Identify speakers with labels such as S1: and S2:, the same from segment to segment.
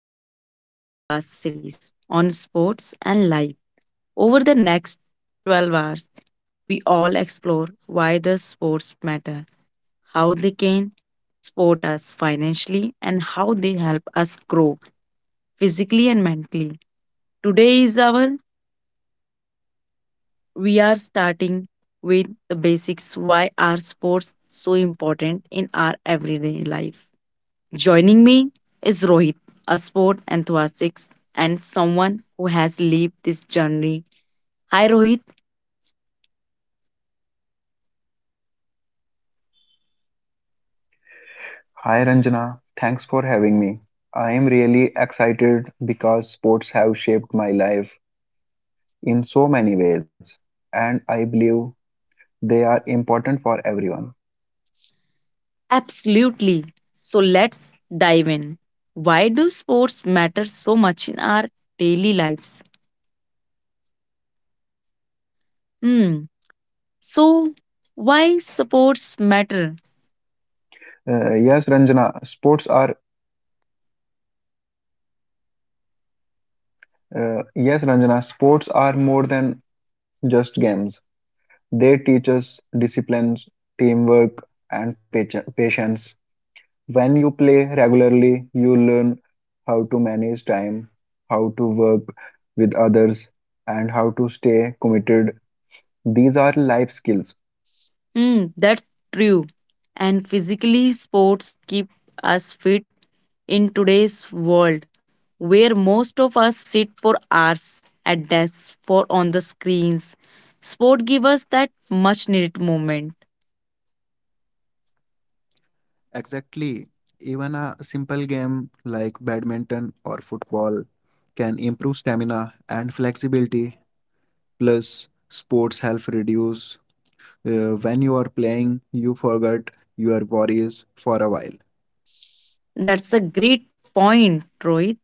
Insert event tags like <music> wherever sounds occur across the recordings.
S1: to our special podcast series on sports and life. Over the next 12 hours, we all explore why the sports matter, how they can support us financially, and how they help us grow physically and mentally. Today is our We are starting with the basics. Why are sports so important in our everyday life? Joining me is Rohit, a sport enthusiast and someone who has lived this journey. Hi, Rohit.
S2: Hi Ranjana, thanks for having me. I am really excited because sports have shaped my life in so many ways, and I believe they are important for everyone.
S1: Absolutely. So let's dive in. Why do sports matter so much in our daily lives? Hmm. So, why sports matter?
S2: Yes, Ranjana, sports are more than just games. They teach us disciplines, teamwork, and patience. When you play regularly, you learn how to manage time, how to work with others, and how to stay committed. These are life skills.
S1: Mm, that's true. And physically, sports keep us fit in today's world where most of us sit for hours at desks or on the screens. Sport give us that much needed moment.
S2: Exactly. Even a simple game like badminton or football can improve stamina and flexibility. Plus, sports help reduce. When you are playing, you forget your worries for a while.
S1: That's a great point, Rohit.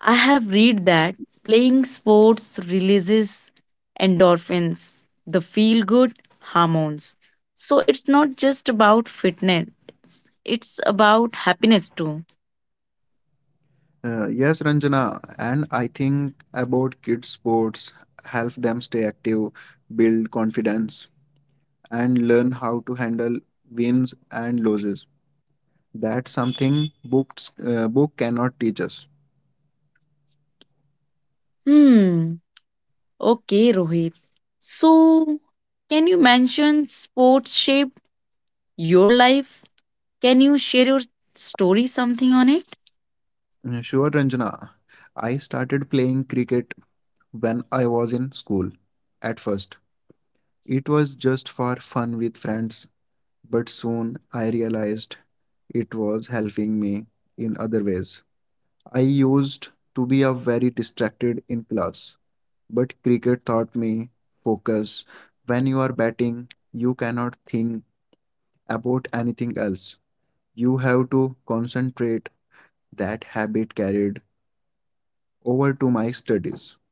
S1: I have read that playing sports releases endorphins, the feel good hormones. So it's not just about fitness, it's about happiness too.
S2: Yes, Ranjana, and I think about kids sports help them stay active, build confidence, and learn how to handle wins and losses. That's something book cannot teach us.
S1: Hmm, okay, Rohit. So, can you mention sports shape your life? Can you share your story something on it?
S2: Sure, Ranjana, I started playing cricket when I was in school. At first, it was just for fun with friends, but soon I realized it was helping me in other ways. I used to be a very distracted in class, but cricket taught me focus. When you are batting, you cannot think about anything else. You have to concentrate. That habit carried over to my studies.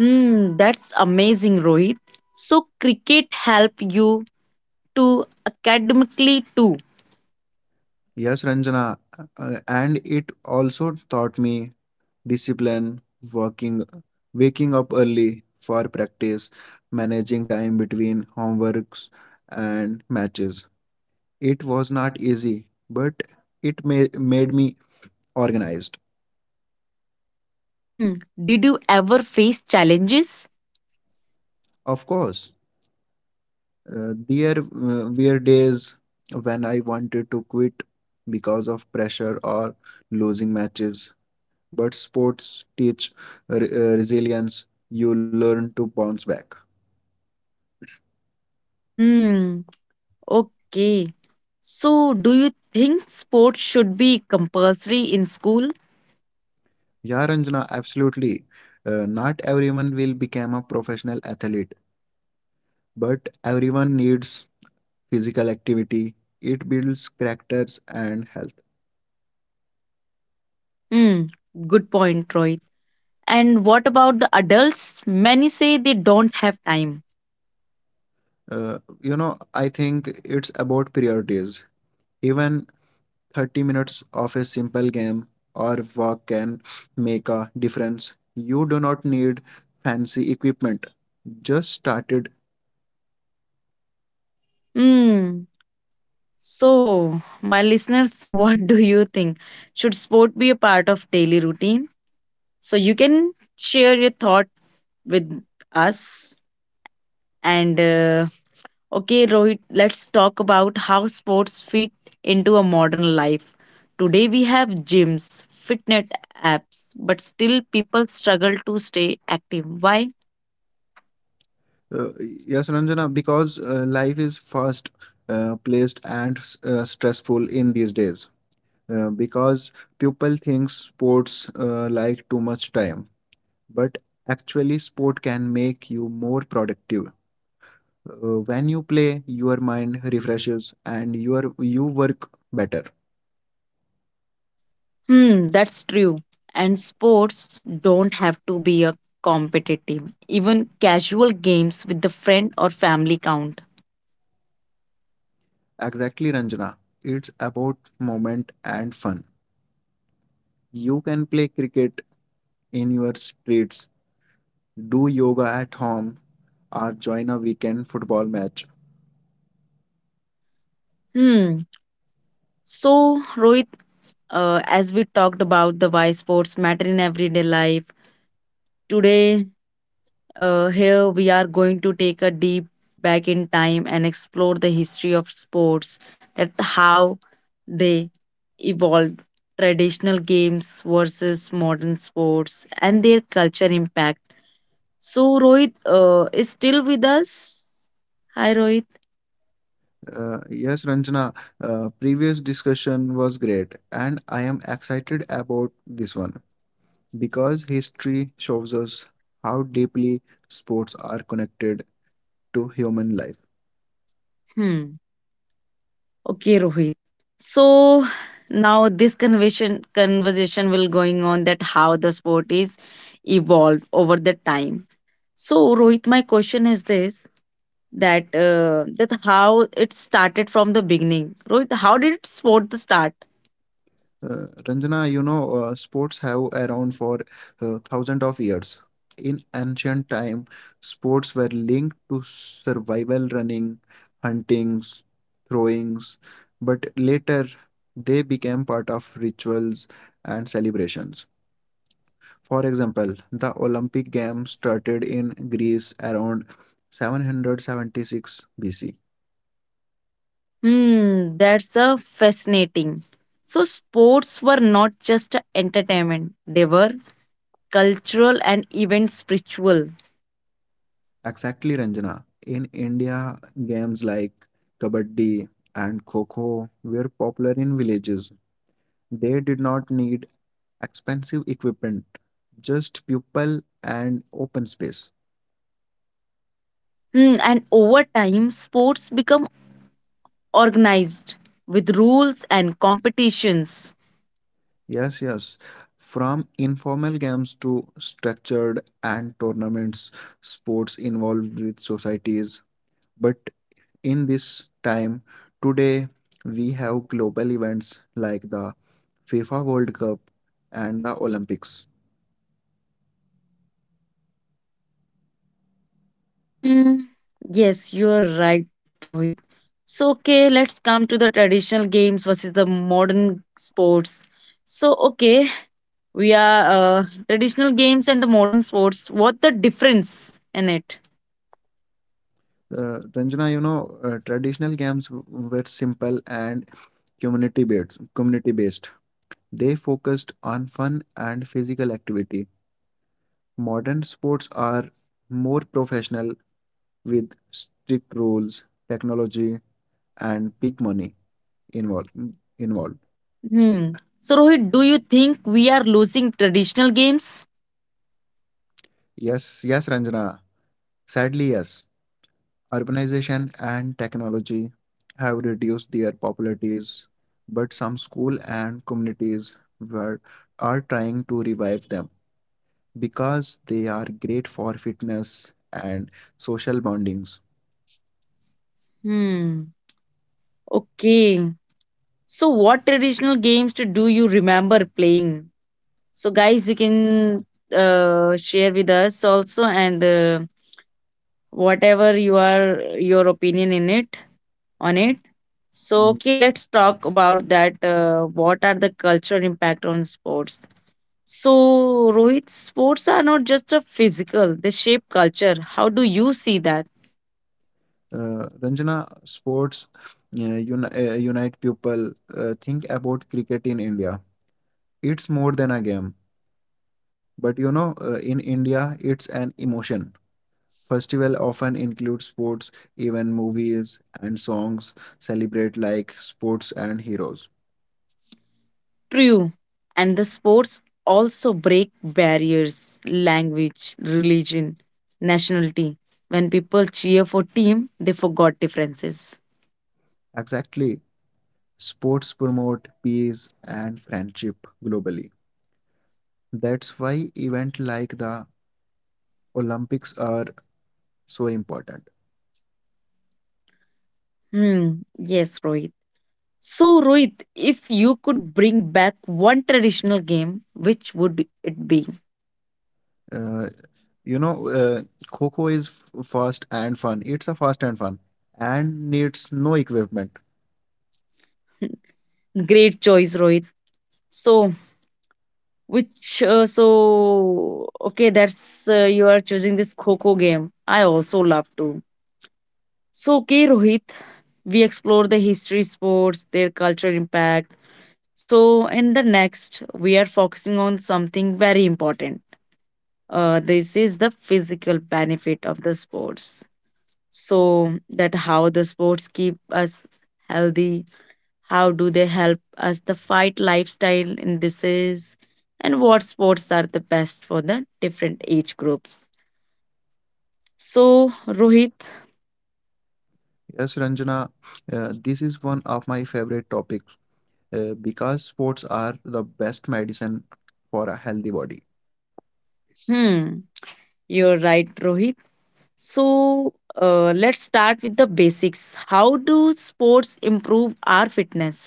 S1: Hmm, that's amazing, Rohit. So, cricket help you to academically too.
S2: Yes, Ranjana, and it also taught me discipline, working, waking up early for practice, managing time between homeworks and matches. It was not easy, but it made me organized.
S1: Hmm. Did you ever face challenges?
S2: Of course, there were days when I wanted to quit because of pressure or losing matches, but sports teach resilience. You learn to bounce back.
S1: Hmm. Okay. So, do you think sports should be compulsory in school?
S2: Yeah, Ranjana, absolutely. Not everyone will become a professional athlete, but everyone needs physical activity. It builds characters and health.
S1: Hmm. Good point, Rohit. And what about the adults? Many say they don't have time.
S2: Uh, I think it's about priorities. Even 30 minutes of a simple game or walk can make a difference. You do not need fancy equipment. Just started.
S1: Hmm. So, my listeners, <laughs> what do you think? Should sport be a part of daily routine? So, you can share your thought with us and Okay, Rohit, let's talk about how sports fit into a modern life. Today we have gyms, fitness apps, but still people struggle to stay active. Why?
S2: Uh, yes, Ranjana, because life is fast placed and stressful in these days. Because people think sports like too much time, but actually, sport can make you more productive. When you play, your mind refreshes and you work better.
S1: Hmm, that's true. And sports don't have to be a competitive. Even casual games with the friend or family count.
S2: Exactly, Ranjana. It's about moment and fun. You can play cricket in your streets, do yoga at home, or join a weekend football match.
S1: Hmm. So, Rohit, as we talked about the why sports matter in everyday life, today here we are going to take a deep back in time and explore the history of sports, that how they evolved, traditional games versus modern sports and their culture impact. So Rohit is still with us. Hi Rohit.
S2: Yes, Ranjana. Previous discussion was great, and I am excited about this one because history shows us how deeply sports are connected to human life.
S1: Hmm. Okay Rohit. So now this conversation will going on that how the sport is evolved over the time. So, Rohit, my question is this, that how it started from the beginning. Rohit, how did it sport the start?
S2: Uh, Ranjana, sports have around for thousands of years. In ancient time, sports were linked to survival, running, huntings, throwings, but later they became part of rituals and celebrations. For example, the Olympic Games started in Greece around 776 BC.
S1: Hmm, that's a fascinating. So sports were not just a entertainment; they were cultural and even spiritual.
S2: Exactly, Ranjana. In India, games like kabaddi and kho were popular in villages. They did not need expensive equipment, just people and open space.
S1: Hmm, and over time, sports become organized with rules and competitions.
S2: Yes, yes. From informal games to structured and tournaments, sports involved with societies, but in this time, today we have global events like the FIFA World Cup and the Olympics.
S1: Mm, yes, you're right, Rohit. So, okay, let's come to the traditional games versus the modern sports. So, okay, we are traditional games and the modern sports. What the difference in it?
S2: Ranjana, traditional games were simple and community based. Community based. They focused on fun and physical activity. Modern sports are more professional with strict rules, technology, and big money involved. Involved.
S1: Hmm. So, Rohit, do you think we are losing traditional games?
S2: Yes, yes, Ranjana. Sadly, yes. Urbanization and technology have reduced their popularities, but some schools and communities were, are trying to revive them because they are great for fitness and social bondings.
S1: Hmm. Okay. So, what traditional games to do you remember playing? So, guys, you can share with us also. And. Whatever you are your opinion in it, on it. So okay,
S2: Mm.
S1: let's talk about that, what are the cultural impact on sports. So Rohit, sports are not just a physical, they shape culture. How do you see that?
S2: Ranjana, sports unite people. Think about cricket in India. It's more than a game, but in India, it's an emotion. Festival often include sports even movies, and songs celebrate like sports and heroes.
S1: True. And the sports also break barriers, language, religion, nationality. When people cheer for team they forgot differences.
S2: Exactly. Sports promote peace and friendship globally. That's why events like the Olympics are so important.
S1: Hmm, yes Rohit. So, Rohit, if you could bring back one traditional game, which would it be?
S2: Uh, you know, uh, Kho is fast and fun. It's a fast and fun and needs no equipment.
S1: Great choice, Rohit. So, okay, that's you are choosing this Coco game. I also love to. So, okay, Rohit, we explore the history sports, their cultural impact. So, in the next, we are focusing on something very important. This is the physical benefit of the sports. So that how the sports keep us healthy, how do they help us the fight lifestyle in disease, and what sports are the best for the different age groups. So Rohit.
S2: Yes, Ranjana, this is one of my favorite topic because sports are the best medicine for a healthy body.
S1: Hmm, you're right Rohit. So let's start with the basics. How do sports improve our fitness?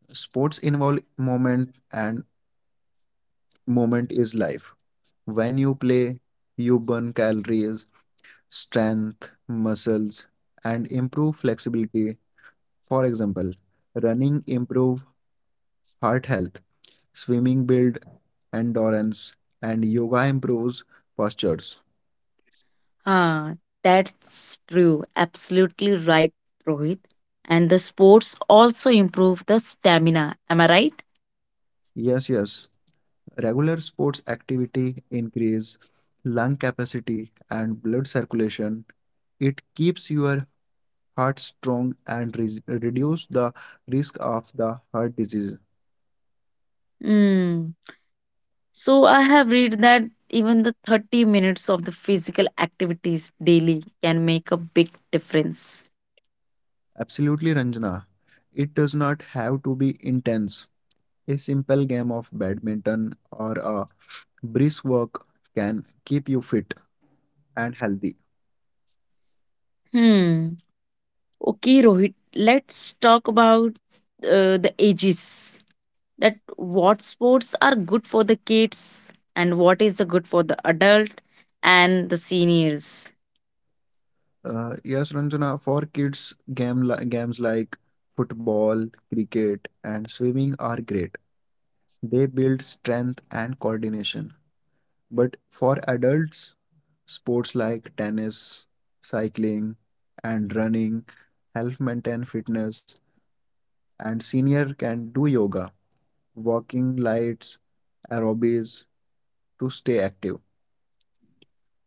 S2: Sports involve movement, and movement is life. When you play, you burn calories, strength, muscles, and improve flexibility. For example, running improve heart health, swimming build endurance, and yoga improves postures.
S1: Ah, that's true, absolutely right, Rohit. And the sports also improve the stamina, am I right?
S2: Yes, yes. Regular sports activity increase lung capacity and blood circulation. It keeps your heart strong and reduce the risk of the heart disease.
S1: Mm. So I have read that even the 30 minutes of the physical activities daily can make a big difference.
S2: Absolutely, Ranjana. It does not have to be intense. A simple game of badminton or a brisk walk can keep you fit and healthy.
S1: Hmm. Okay, Rohit, let's talk about the ages. That what sports are good for the kids and what is the good for the adult and the seniors.
S2: Yes, Ranjana, for kids, games like football, cricket, and swimming are great. They build strength and coordination. But for adults, sports like tennis, cycling, and running help maintain fitness, and senior can do yoga, walking lights, aerobics to stay active.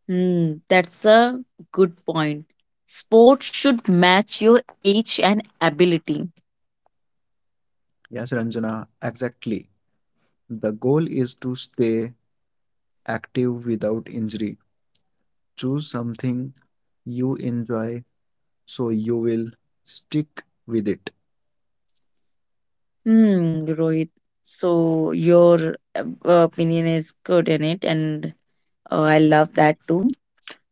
S1: Hmm, that's a good point. Sports should match your age and ability.
S2: Yes, Ranjana, exactly. The goal is to stay active without injury. Choose something you enjoy so you will stick with it.
S1: Hmm, Rohit. So your opinion is good in it, and I love that too.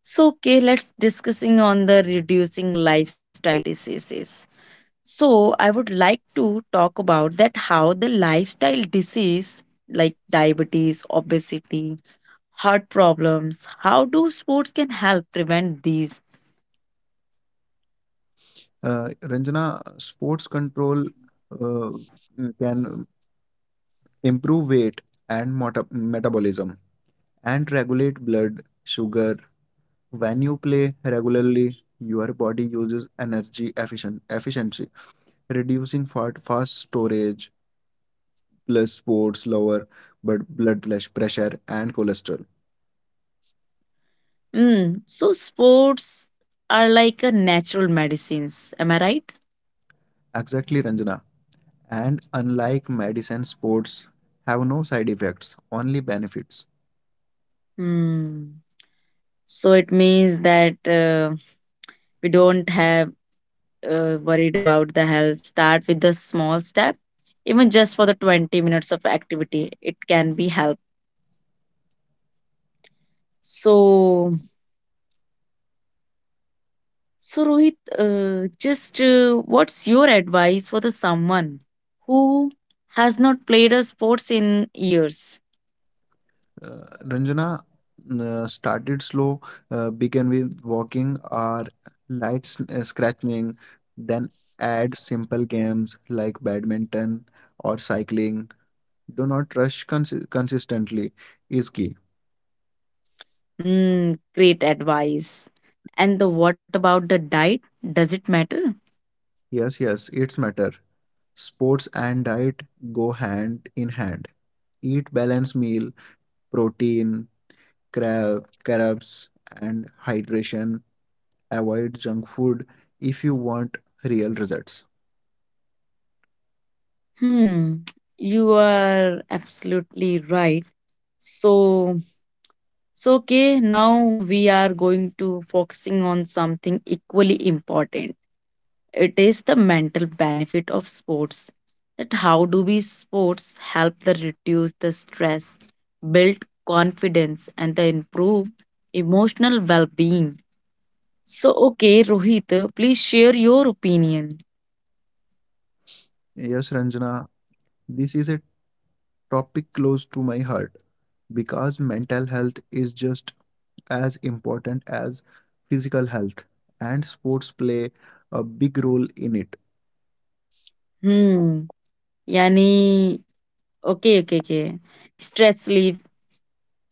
S1: So okay, let's discussing on the reducing lifestyle diseases. So I would like to talk about that how the lifestyle disease like diabetes, obesity, heart problems, how do sports can help prevent these?
S2: Ranjana, sports control uh, can improve weight and metabolism and regulate blood sugar. When you play regularly, your body uses energy efficient efficiency, reducing fat fast storage. Plus, sports lower blood pressure and cholesterol.
S1: Hmm. So sports are like a natural medicines. Am I right?
S2: Exactly, Ranjana. And unlike medicine, sports have no side effects, only benefits.
S1: Hmm. So it means that we don't have worried about the health. Start with the small step, even just for the 20 minutes of activity, it can be help. So, so Rohit, just what's your advice for the someone who has not played a sports in years?
S2: Uh, Ranjana, started slow, began with walking or light scratching, then add simple games like badminton or cycling. Do not rush cons consistently is key.
S1: Hmm, great advice. And the what about the diet? Does it matter?
S2: Yes, yes, it's matter. Sports and diet go hand in hand. Eat balanced meal, protein, carbs, and hydration. Avoid junk food if you want real results.
S1: Hmm, you are absolutely right. So, so okay, now we are going to focusing on something equally important. It is the mental benefit of sports. That how do we sports help the reduce the stress, build confidence, and the improve emotional well-being. So okay, Rohit, please share your opinion.
S2: Yes, Ranjana, this is a topic close to my heart because mental health is just as important as physical health, and sports play a big role in it.
S1: Hmm. Yani okay, okay, okay. Stress relief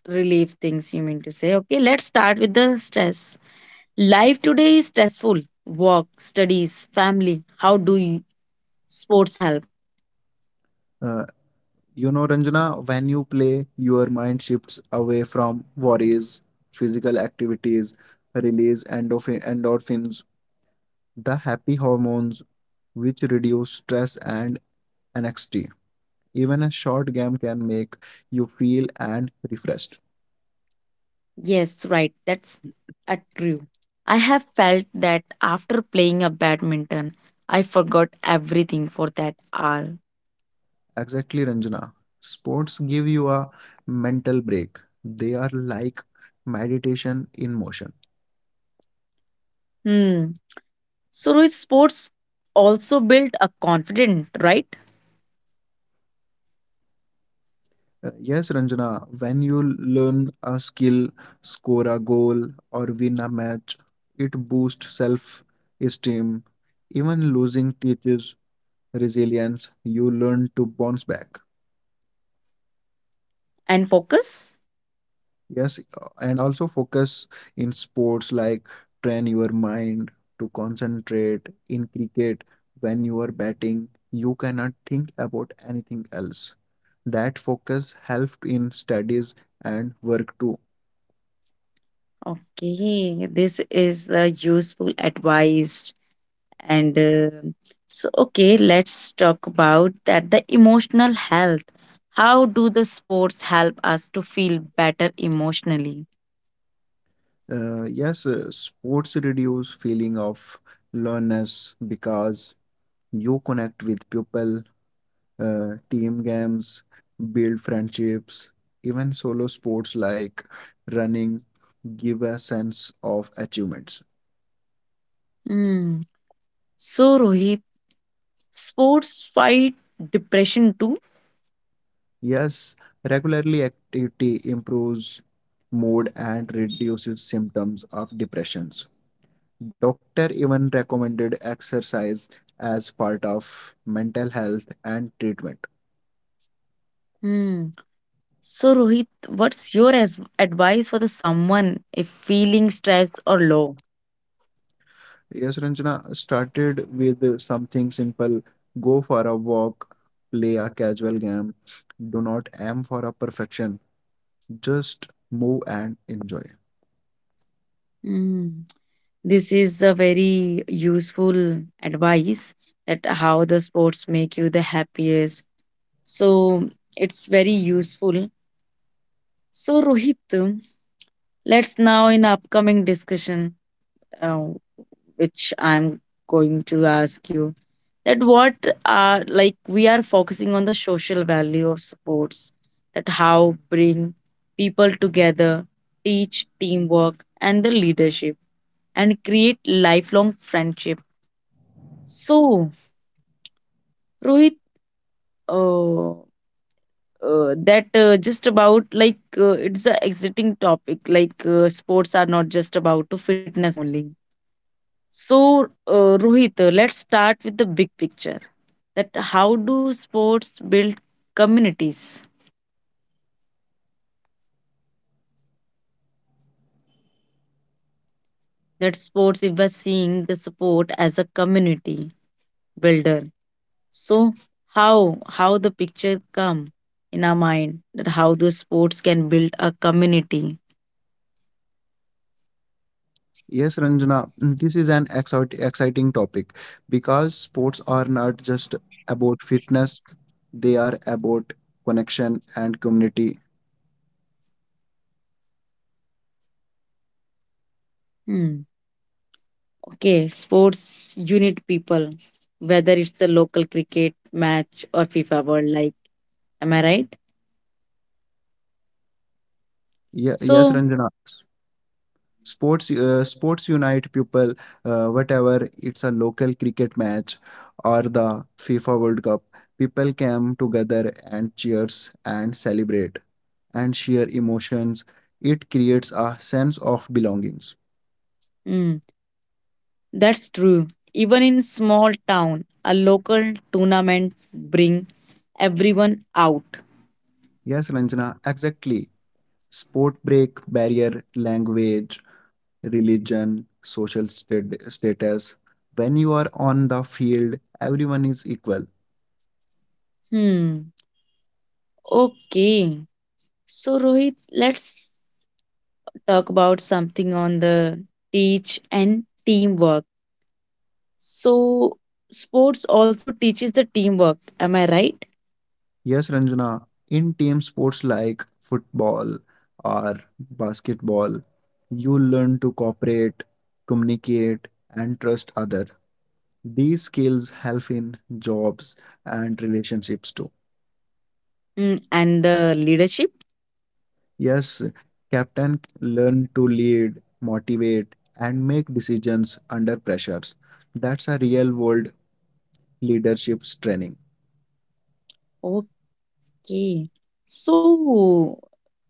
S1: relief things you mean to say. Okay, let's start with the stress. Life today is stressful. Work, studies, family. How do you, sports help?
S2: Uh, Ranjana, when you play, your mind shifts away from worries, physical activities, release endorphins, the happy hormones which reduce stress and anxiety. Even a short game can make you feel and refreshed.
S1: Yes, right. That's a true. I have felt that after playing a badminton, I forgot everything for that hour.
S2: Exactly, Ranjana. Sports give you a mental break. They are like meditation in motion.
S1: Hmm. So with sports also build a confidence, right?
S2: Yes, Ranjana, when you learn a skill, score a goal, or win a match, it boosts self esteem. Even losing teaches resilience. You learn to bounce back.
S1: And focus.
S2: Yes, and also focus in sports like train your mind to concentrate. In cricket, when you are batting, you cannot think about anything else. That focus helped in studies and work too.
S1: Okay, this is a useful advice. And so okay, let's talk about that the emotional health, how do the sports help us to feel better emotionally.
S2: Yes, Sports reduce feeling of loneliness because you connect with people team games, build friendships, even solo sports like running give a sense of achievements.
S1: Hmm. So Rohit, sports fight depression too.
S2: Yes, regularly activity improves mood and reduces symptoms of depressions. Doctor even recommended exercise as part of mental health and treatment.
S1: Hmm. So Rohit, what's advice for the someone if feeling stressed or low.
S2: Yes, Ranjana started with something simple. Go for a walk, play a casual game. Do not aim for a perfection. Just move and enjoy.
S1: Hmm. This is a very useful advice, that how the sports make you the happiest. So it's very useful. So Rohit, let's now in upcoming discussion, uh, which I'm going to ask you, that what are, like we are focusing on the social value of sports, that how bring people together, teach teamwork and the leadership and create lifelong friendship. So Rohit, uh, that just about like it's a exiting topic like sports are not just about to fitness only. So Rohit, let's start with the big picture, that how do sports build communities, that sports if we're seeing the support as a community builder. So how how the picture come in our mind, that how the sports can build a community.
S2: Yes, Ranjana, this is an exciting topic because sports are not just about fitness, they are about connection and community.
S1: Hmm. Okay, sports unit people, whether it's a local cricket match or FIFA World, like, am I right?
S2: Yes,
S1: So,
S2: Ranjana, sports unite people whatever it's a local cricket match or the FIFA World Cup. People come together and cheers and celebrate and share emotions. It creates a sense of belongings.
S1: mm, that's true. Even in small town, a local tournament bring everyone out.
S2: Yes, Ranjana, exactly. Sport break barrier language, religion, social status. When you are on the field, everyone is equal.
S1: Hmm. Okay. So, Rohit, let's talk about something on the teach and teamwork. So, sports also teaches the teamwork. Am I right?
S2: Yes, Ranjana, in team sports like football or basketball, you learn to cooperate, communicate, and trust other. These skills help in jobs and relationships too.
S1: Mm, and the leadership.
S2: Yes, captain learn to lead, motivate, and make decisions under pressures. That's a real world leadership training.
S1: Okay. So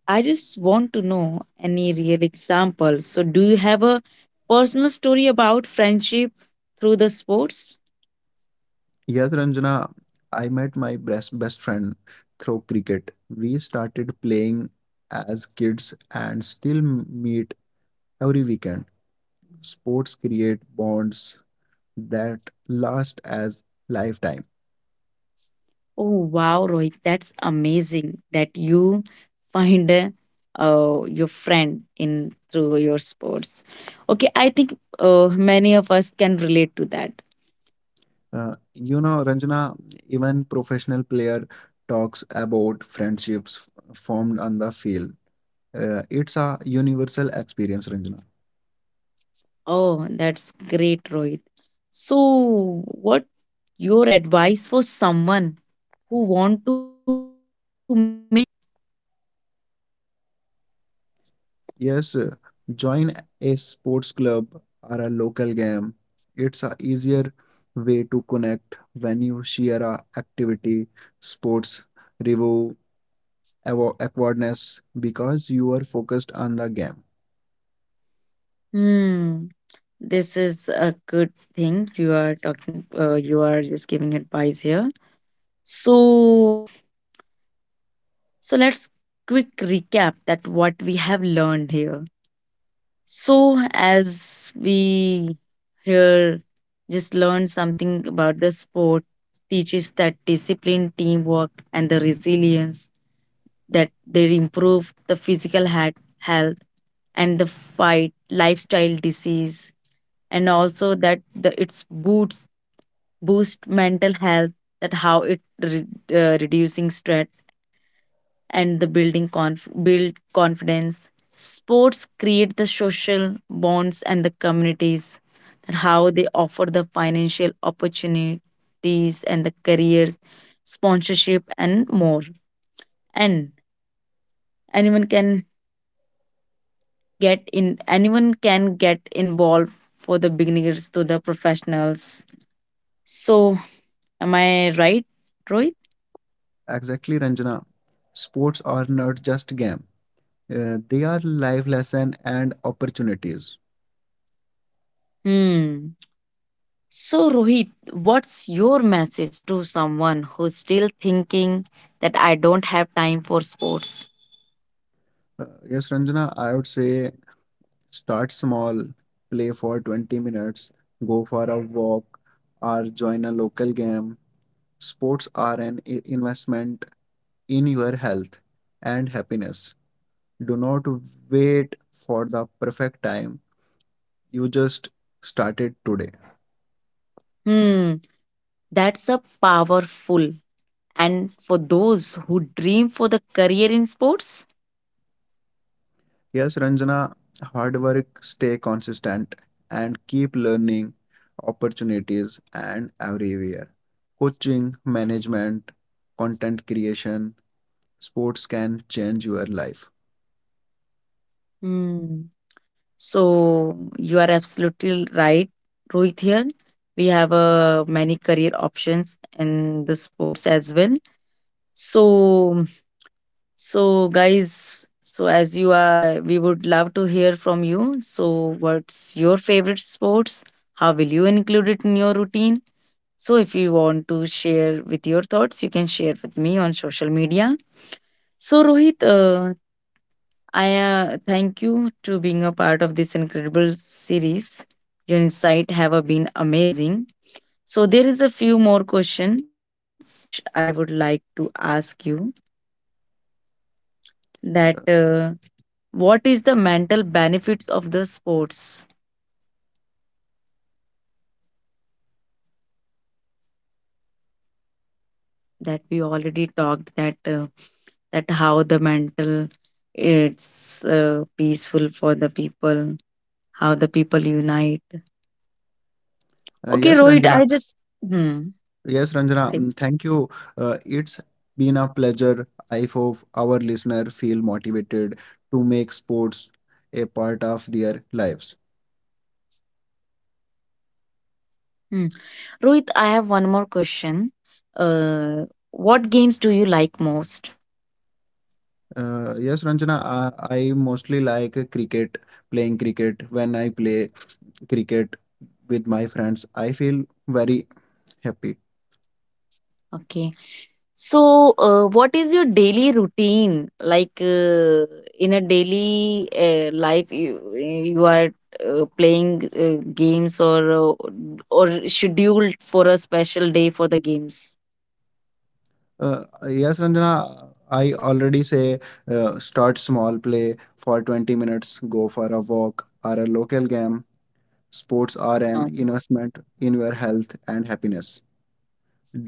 S1: I just want to know any real examples. So do you have a personal story about friendship through the sports?
S2: Yes, Ranjana, I met my best friend through cricket. We started playing as kids and still meet every weekend. Sports create bonds that last as lifetime.
S1: Oh wow, Rohit, that's amazing that you find your friend in through your sports. Okay, I think many of us can relate to that.
S2: Ranjana, even professional player talks about friendships formed on the field. It's a universal experience, Ranjana.
S1: Oh, that's great, Rohit. So what your advice for someone who want to make new friends.
S2: Yes, join a sports club or a local game. It's a easier way to connect when you share a activity, sports, review, awkwardness because you are focused on the game.
S1: Hmm. This is a good thing you are talking. You are just giving advice here. So, so let's quick recap that what we have learned here. So, as we here just learned something about the sport, teaches that discipline, teamwork, and the resilience, that they improve the physical health and the fight lifestyle disease, and also that the it's boost mental health, that how reducing stress and the build confidence. Sports create the social bonds and the communities and how they offer the financial opportunities and the careers, sponsorship and more. And anyone can anyone can get involved, for the beginners to the professionals. So am I right, Rohit?
S2: Exactly, Ranjana. Sports are not just game. They are life lesson and opportunities.
S1: Hmm. So, Rohit, what's your message to someone who's still thinking that I don't have time for sports?
S2: Yes, Ranjana, I would say start small, play for 20 minutes, go for a walk, or join a local game. Sports are an investment in your health and happiness. Do not wait for the perfect time. You just started today.
S1: Hmm, that's a powerful. And for those who dream for the career in sports?
S2: Yes, Ranjana, hard work, stay consistent, and keep learning opportunities and everywhere. Coaching, management, content creation, sports can change your life.
S1: Hmm. So, you are absolutely right, Rohit. Here we have many career options in the sports as well. So, So guys, so as you are, we would love to hear from you. So, what's your favorite sports? How will you include it in your routine? So, if you want to share with your thoughts, you can share with me on social media. So, Rohit, I thank you to being a part of this incredible series. Your insight have been amazing. So, there is a few more questions which I would like to ask you. That What is the mental benefits of the sports that we already talked, that how the mental it's peaceful for the people, how the people unite. Okay
S2: Yes,
S1: Rohit, I
S2: Ranjana.
S1: just hmm,
S2: Yes, Ranjana.
S1: see
S2: Mm, thank you. It's been a pleasure. I hope our listener feel motivated to make sports a part of their lives.
S1: hmm. Rohit, I have one more question, uh, what games do you like most.
S2: Yes, Ranjana. I mostly like cricket, playing cricket. When I play cricket with my friends, I feel very happy.
S1: Okay. So, what is your daily routine like in a daily life? You are playing games or scheduled for a special day for the games.
S2: Uh, yes, Ranjana. I already say start small, play for 20 minutes, go for a walk or a local game. Sports are an
S1: Um,
S2: investment in your health and happiness.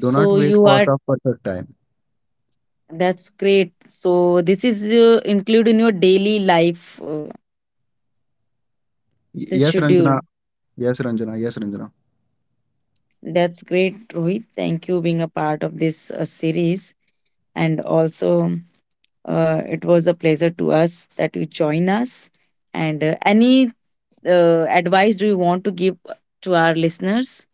S2: Do not wait
S1: you
S2: for
S1: are
S2: the perfect time.
S1: that's great. So this is included in your daily life. This
S2: Yes, Ranjana.
S1: schedule.
S2: Yes, Ranjana. Yes, Ranjana.
S1: That's great, Rohit. Thank you being a part of this series. And also, it was a pleasure to us that you join us. And any advice do you want to give to our listeners?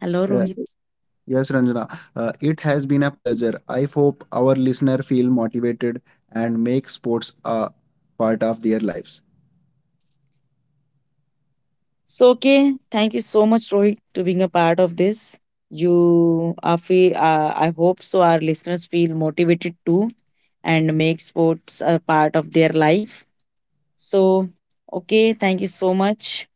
S1: Hello,
S2: Uh,
S1: Rohit.
S2: yes, Ranjana. It has been a pleasure. I hope our listener feel motivated and make sports a part of their lives.
S1: So, okay, thank you so much, Rohit, to being a part of this. I hope so. Our listeners feel motivated too, and make sports a part of their life. So, okay, thank you so much.